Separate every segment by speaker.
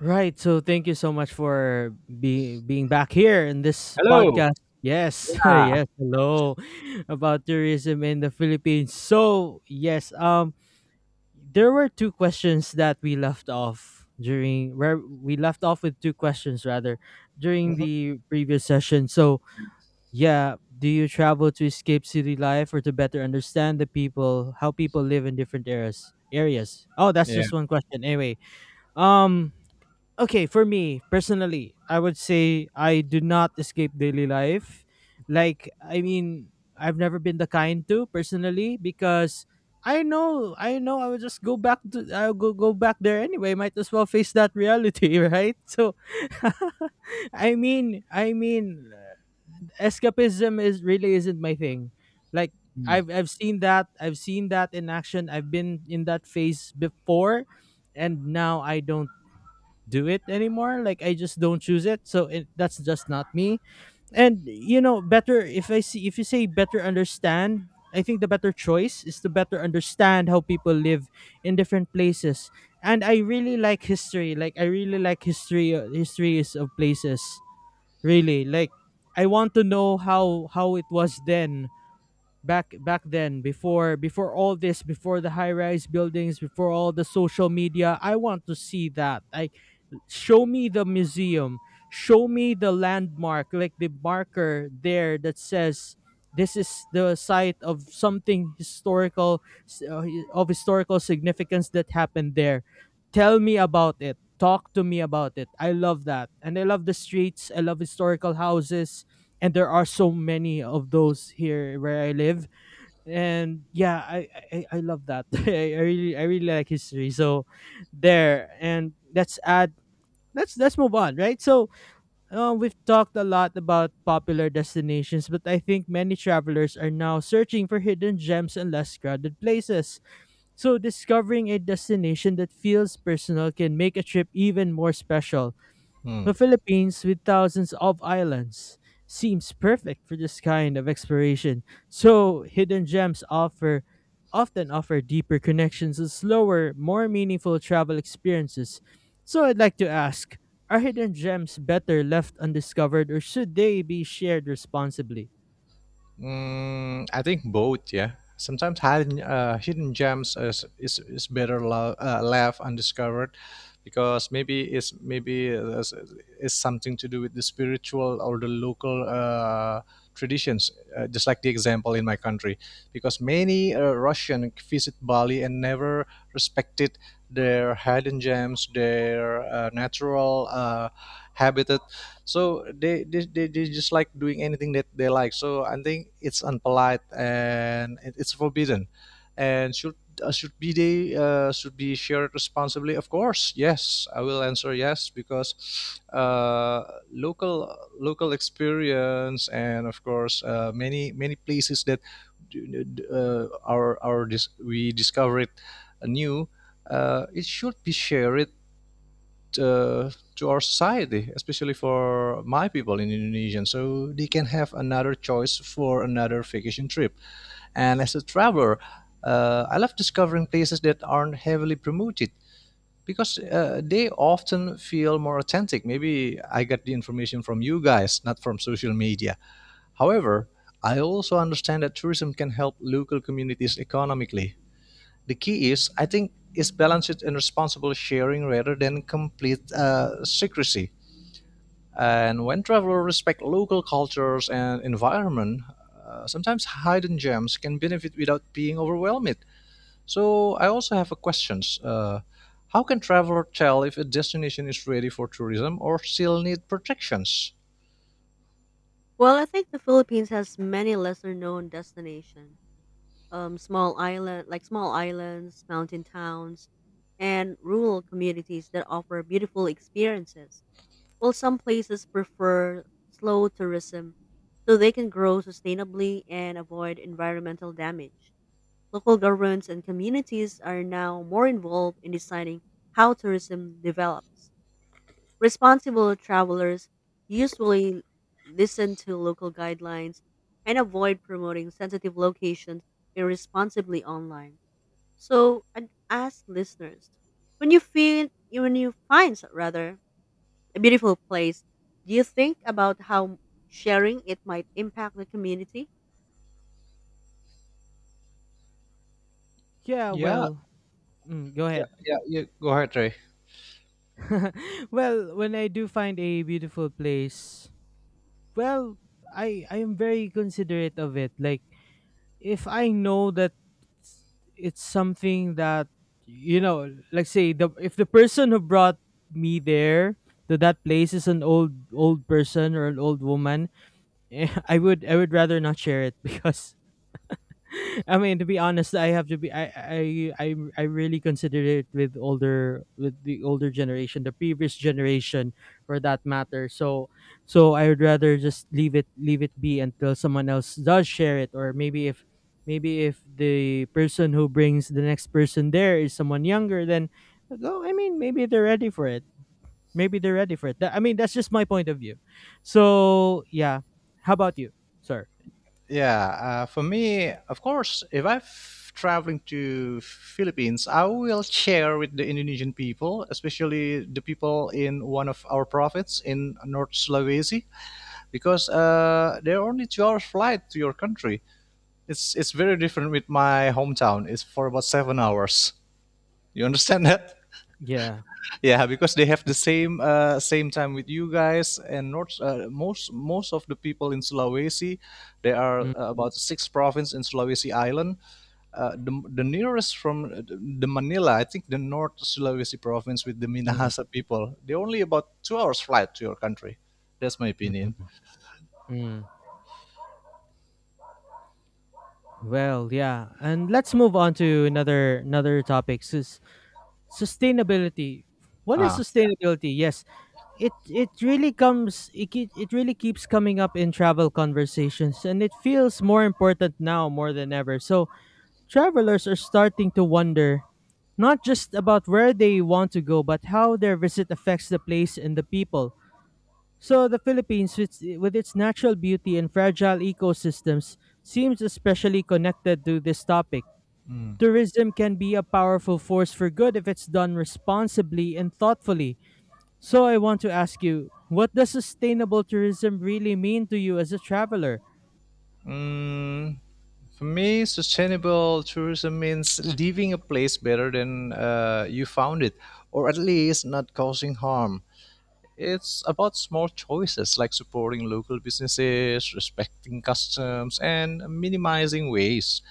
Speaker 1: Right. So thank you so much for being back here in this
Speaker 2: Hello.
Speaker 1: podcast. Yes.
Speaker 2: Yeah.
Speaker 1: yes. Hello. About tourism in the Philippines. So, yes, there were two questions that we left off during where we left off with two questions rather during the previous session. So, yeah, do you travel to escape city life or to better understand the people, how people live in different eras? Areas. Oh, that's
Speaker 2: Yeah.
Speaker 1: just one question. Anyway, um okay, for me personally, I would say I do not escape daily life. Like, I mean, I've never been the kind to personally, because I know I would just go back to, I'll go back there anyway. Might as well face that reality. Right, so I mean escapism is really isn't my thing. Like,
Speaker 2: Mm,
Speaker 1: I've seen that, I've seen that in action. I've been in that phase before and now I don't do it anymore. Like, I just don't choose it, so that's just not me. And you know better, if I see, if you say better understand, I think the better choice is to better understand how people live in different places. And I really like history, like I really like history, histories of places. Really like, I want to know how it was then. Back then, before all this, before the high rise buildings, before all the social media, I want to see that. I, show me the museum, show me the landmark, like the marker there that says this is the site of something historical, of historical significance that happened there. Tell me about it, talk to me about it. I love that, and I love the streets, I love historical houses, and there are so many of those here where I live. And yeah, I love that. I really like history, so there. And let's add let's move on, right? So we've talked a lot about popular destinations, but I think many travelers are now searching for hidden gems and less crowded places. So discovering a destination that feels personal can make a trip even more special. The
Speaker 2: mm.
Speaker 1: Philippines, with thousands of islands, seems perfect for this kind of exploration. So, hidden gems offer often offer deeper connections and slower, more meaningful travel experiences. So, I'd like to ask, are hidden gems better left undiscovered, or should they be shared responsibly?
Speaker 2: I think both. Yeah. Sometimes hidden hidden gems is better left undiscovered, because maybe it's something to do with the spiritual or the local traditions. Just like the example in my country, because many Russian visit Bali and never respected their hidden gems, their natural habitat. So they just like doing anything that they like, so I think it's unpolite and it's forbidden and should be shared responsibly, of course. Yes, I will answer yes, because uh, local experience, and of course many places that we discovered anew, it should be shared uh, to our society, especially for my people in Indonesia. So they can have another choice for another vacation trip. And as a traveler, I love discovering places that aren't heavily promoted because they often feel more authentic. Maybe I got the information from you guys, not from social media. However, I also understand that tourism can help local communities economically. The key is, I think, is balanced and responsible sharing rather than complete secrecy. And when travelers respect local cultures and environment, sometimes hidden gems can benefit without being overwhelmed. So I also have a questions. How can traveler tell if a destination is ready for tourism or still need protections?
Speaker 3: Well, I think the Philippines has many lesser known destinations. Small islands, mountain towns, and rural communities that offer beautiful experiences. While some places prefer slow tourism so they can grow sustainably and avoid environmental damage. Local governments and communities are now more involved in deciding how tourism develops. Responsible travelers usually listen to local guidelines and avoid promoting sensitive locations irresponsibly online. So, I'd ask listeners, when you find rather a beautiful place, do you think about how sharing it might impact the community?
Speaker 1: Yeah,
Speaker 2: Yeah,
Speaker 1: well, mm, go
Speaker 2: yeah,
Speaker 1: ahead.
Speaker 2: yeah, yeah. Go ahead, Ray.
Speaker 1: Well, when I do find a beautiful place, well, I am very considerate of it. Like, if I know that it's something that, you know, like say the, if the person who brought me there to that place is an old person or an old woman, eh, I would rather not share it because I mean, to be honest, I have to be. I I really consider it with older generation, the previous generation, for that matter. So I would rather just leave it be until someone else does share it, or maybe if the person who brings the next person there is someone younger, then go. I mean, maybe they're ready for it. Maybe they're ready for it. That, I mean, that's just my point of view. So yeah, how about you, sir?
Speaker 2: Yeah, for me, of course, if I'm traveling to Philippines, I will share with the Indonesian people, especially the people in one of our provinces in North Sulawesi, because there are only 2 hours flight to your country. It's very different with my hometown. It's for about 7 hours. You understand that?
Speaker 1: Yeah.
Speaker 2: Yeah, because they have the same time with you guys. And north most most of the people in sulawesi, there are
Speaker 1: Mm,
Speaker 2: about six provinces in sulawesi island. The nearest from the Manila, I think the North Sulawesi province with the
Speaker 1: mm,
Speaker 2: Minahasa people, they only about 2 hours flight to your country. That's my
Speaker 1: mm,
Speaker 2: opinion.
Speaker 1: mm. Well, yeah. And let's move on to another topic. Sustainability. What is
Speaker 2: Ah.
Speaker 1: sustainability? Yes, it really it really keeps coming up in travel conversations, and it feels more important now more than ever. So, travelers are starting to wonder not just about where they want to go, but how their visit affects the place and the people. So the Philippines, with its natural beauty and fragile ecosystems, seems especially connected to this topic.
Speaker 2: Mm.
Speaker 1: Tourism can be a powerful force for good if it's done responsibly and thoughtfully. So I want to ask you, what does sustainable tourism really mean to you as a traveler?
Speaker 2: Mm, for me, sustainable tourism means leaving a place better than you found it, or at least not causing harm. It's about small choices like supporting local businesses, respecting customs, and minimizing waste.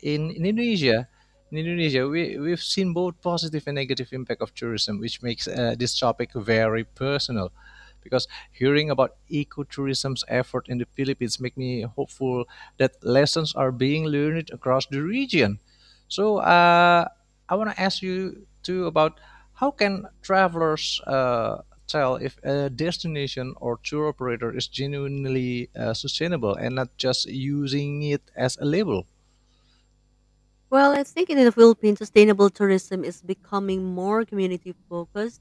Speaker 2: in, in Indonesia, in Indonesia, we've seen both positive and negative impact of tourism, which makes this topic very personal, because hearing about ecotourism's effort in the Philippines make me hopeful that lessons are being learned across the region. So I want to ask you too about how can travelers tell if a destination or tour operator is genuinely sustainable and not just using it as a label?
Speaker 3: Well, I think in the Philippines, sustainable tourism is becoming more community focused,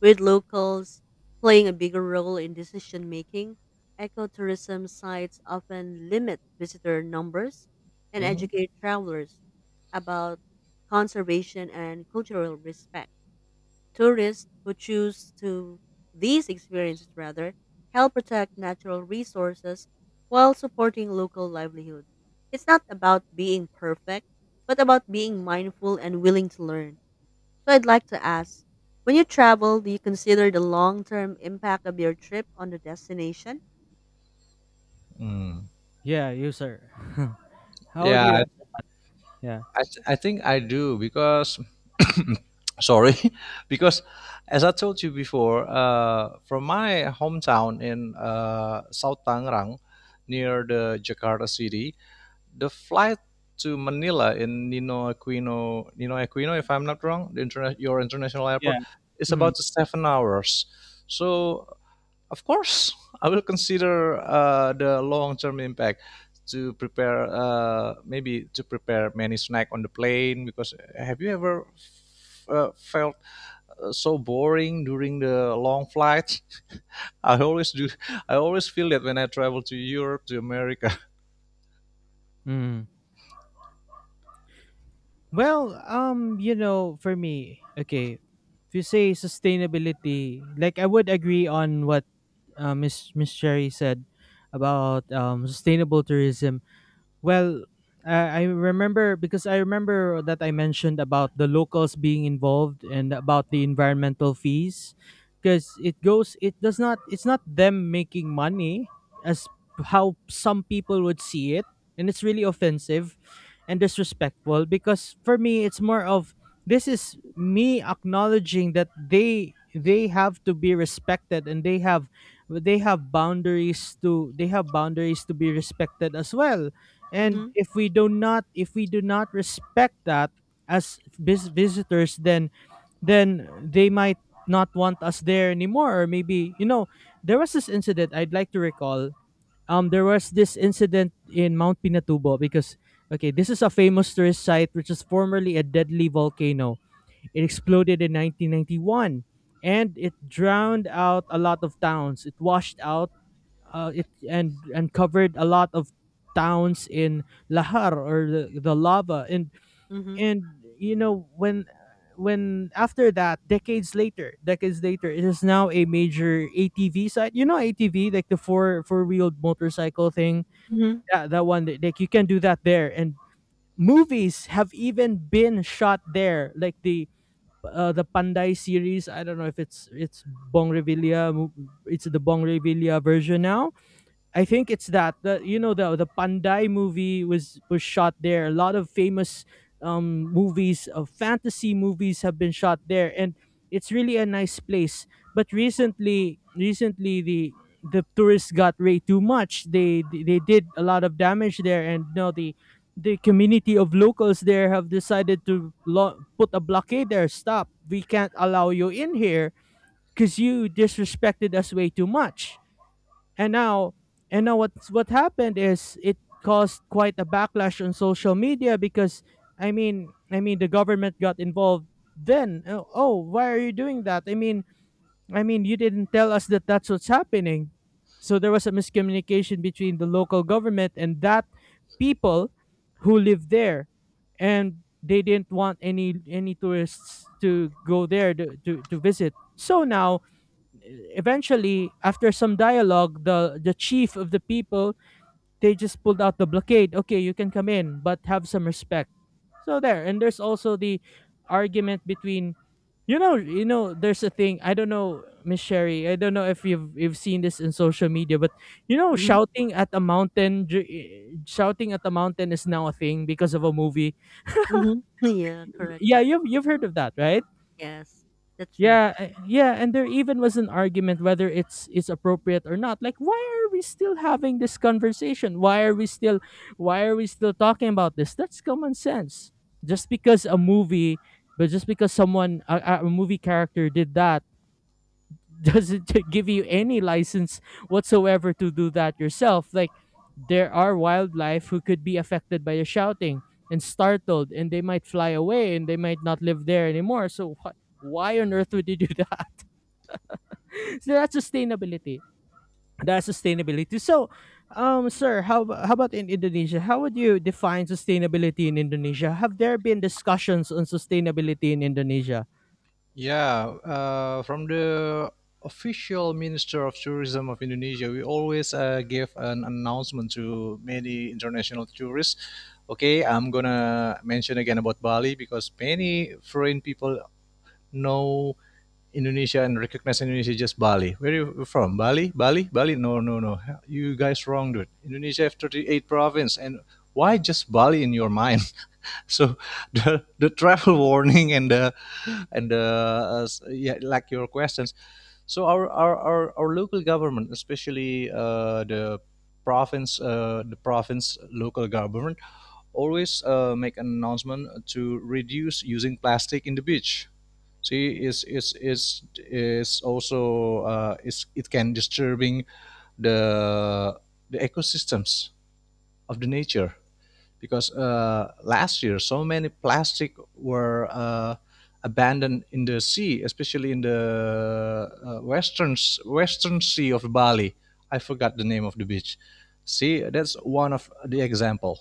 Speaker 3: with locals playing a bigger role in decision making. Ecotourism sites often limit visitor numbers and
Speaker 2: Hmm.
Speaker 3: educate travelers about conservation and cultural respect. Tourists who choose to these experiences rather help protect natural resources while supporting local livelihoods. It's not about being perfect, but about being mindful and willing to learn. So I'd like to ask, when you travel, do you consider the long-term impact of your trip on the destination?
Speaker 2: Mm.
Speaker 1: Yeah, you sir. How do
Speaker 2: Yeah,
Speaker 1: you?
Speaker 2: I,
Speaker 1: Yeah,
Speaker 2: I, th- I think I do because, sorry, because as I told you before, from my hometown in South Tangerang, near the Jakarta city, the flight to Manila in Nino Aquino, if I'm not wrong, the your international
Speaker 1: yeah.
Speaker 2: airport, is
Speaker 1: Mm,
Speaker 2: about 7 hours. So, of course, I will consider the long-term impact, to prepare maybe to prepare many snack on the plane. Because have you ever felt so boring during the long flight? I always do. I always feel that when I travel to Europe to America.
Speaker 1: mm. Well, you know, for me, okay, if you say sustainability, like I would agree on what Miss Sherry said about sustainable tourism. Well, I remember, because I remember that I mentioned about the locals being involved and about the environmental fees, because it goes it does not it's not them making money as how some people would see it. And it's really offensive and disrespectful, because for me it's more of, this is me acknowledging that they have to be respected, and they have boundaries to they have boundaries to be respected as well. And
Speaker 3: Mhm.
Speaker 1: if we do not respect that as visitors, then they might not want us there anymore. Or maybe, you know, there was this incident I'd like to recall. Um, there was this incident in Mount Pinatubo, because okay, this is a famous tourist site which is formerly a deadly volcano. It exploded in 1991, and it drowned out a lot of towns, it washed out, it and covered a lot of towns in Lahar, or the lava. And
Speaker 3: Mhm.
Speaker 1: and you know, when after that, decades later, it is now a major ATV site. You know, ATV, like the four wheeled motorcycle thing.
Speaker 3: Mhm.
Speaker 1: Yeah, that one, that-, like you can do that there. And movies have even been shot there, like the Panday series. I don't know if it's Bong Revilla, it's the Bong Revilla version now. I think it's that, the, you know, the Panday movie was shot there. A lot of famous movies, of fantasy movies, have been shot there, and it's really a nice place. But recently the tourists got way too much. They did a lot of damage there, and now the community of locals there have decided to put a blockade there. Stop. We can't allow you in here because you disrespected us way too much. and now, and now what's, what happened is it caused quite a backlash on social media, because I mean the government got involved then. Oh, oh, why are you doing that? I mean you didn't tell us that that's what's happening. So there was a miscommunication between the local government and that people who live there, and they didn't want any tourists to go there to, to visit. So now, eventually, after some dialogue, the chief of the people, they just pulled out the blockade. Okay, you can come in, but have some respect. So there. And there's also the argument between, you know, there's a thing, I don't know, Miss Sherry, I don't know if you've seen this in social media, but you know,
Speaker 3: Mhm.
Speaker 1: shouting at a mountain, shouting at a mountain is now a thing because of a movie.
Speaker 3: Mhm. Yeah,
Speaker 1: Y-
Speaker 3: correct,
Speaker 1: yeah,
Speaker 3: correct.
Speaker 1: you've heard of that, right?
Speaker 3: Yes. That's true.
Speaker 1: Yeah, I-, yeah, and there even was an argument whether it's appropriate or not. Like, why are we still having this conversation? Why are we still, why are we still talking about this? That's common sense. Just because a movie, just because someone, a movie character did that, doesn't give you any license whatsoever to do that yourself. Like, there are wildlife who could be affected by your shouting and startled, and they might fly away, and they might not live there anymore. So why on earth would you do that? So that's sustainability. That's sustainability. So, sir, how how about in Indonesia? How would you define sustainability in Indonesia? Have there been discussions on sustainability in Indonesia?
Speaker 2: Yeah, from the official Minister of Tourism of Indonesia, we always give an announcement to many international tourists. Okay, I'm gonna mention again about Bali because many foreign people know Indonesia and recognize Indonesia just Bali. Where are you from? Bali? Bali? Bali? No, no, no. You guys wrong, dude. Indonesia have 38 province, and why just Bali in your mind? So the travel warning and yeah, like your questions. So our local government, especially the province local government, always make an announcement to reduce using plastic in the beach. See, is also, is it can disturbing the ecosystems of the nature. Because last year so many plastic were abandoned in the sea, especially in the western sea of Bali. I forgot the name of the beach. See, that's one of the example.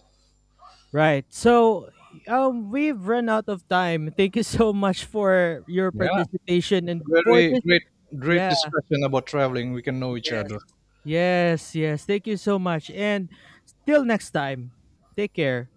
Speaker 1: Right. So we've run out of time. Thank you so much for your
Speaker 2: Yeah,
Speaker 1: participation
Speaker 2: it's a
Speaker 1: and for
Speaker 2: very
Speaker 1: this.
Speaker 2: great
Speaker 1: Yeah,
Speaker 2: discussion about traveling. We can know each
Speaker 1: yes.
Speaker 2: other.
Speaker 1: Yes, yes. Thank you so much. And till next time. Take care.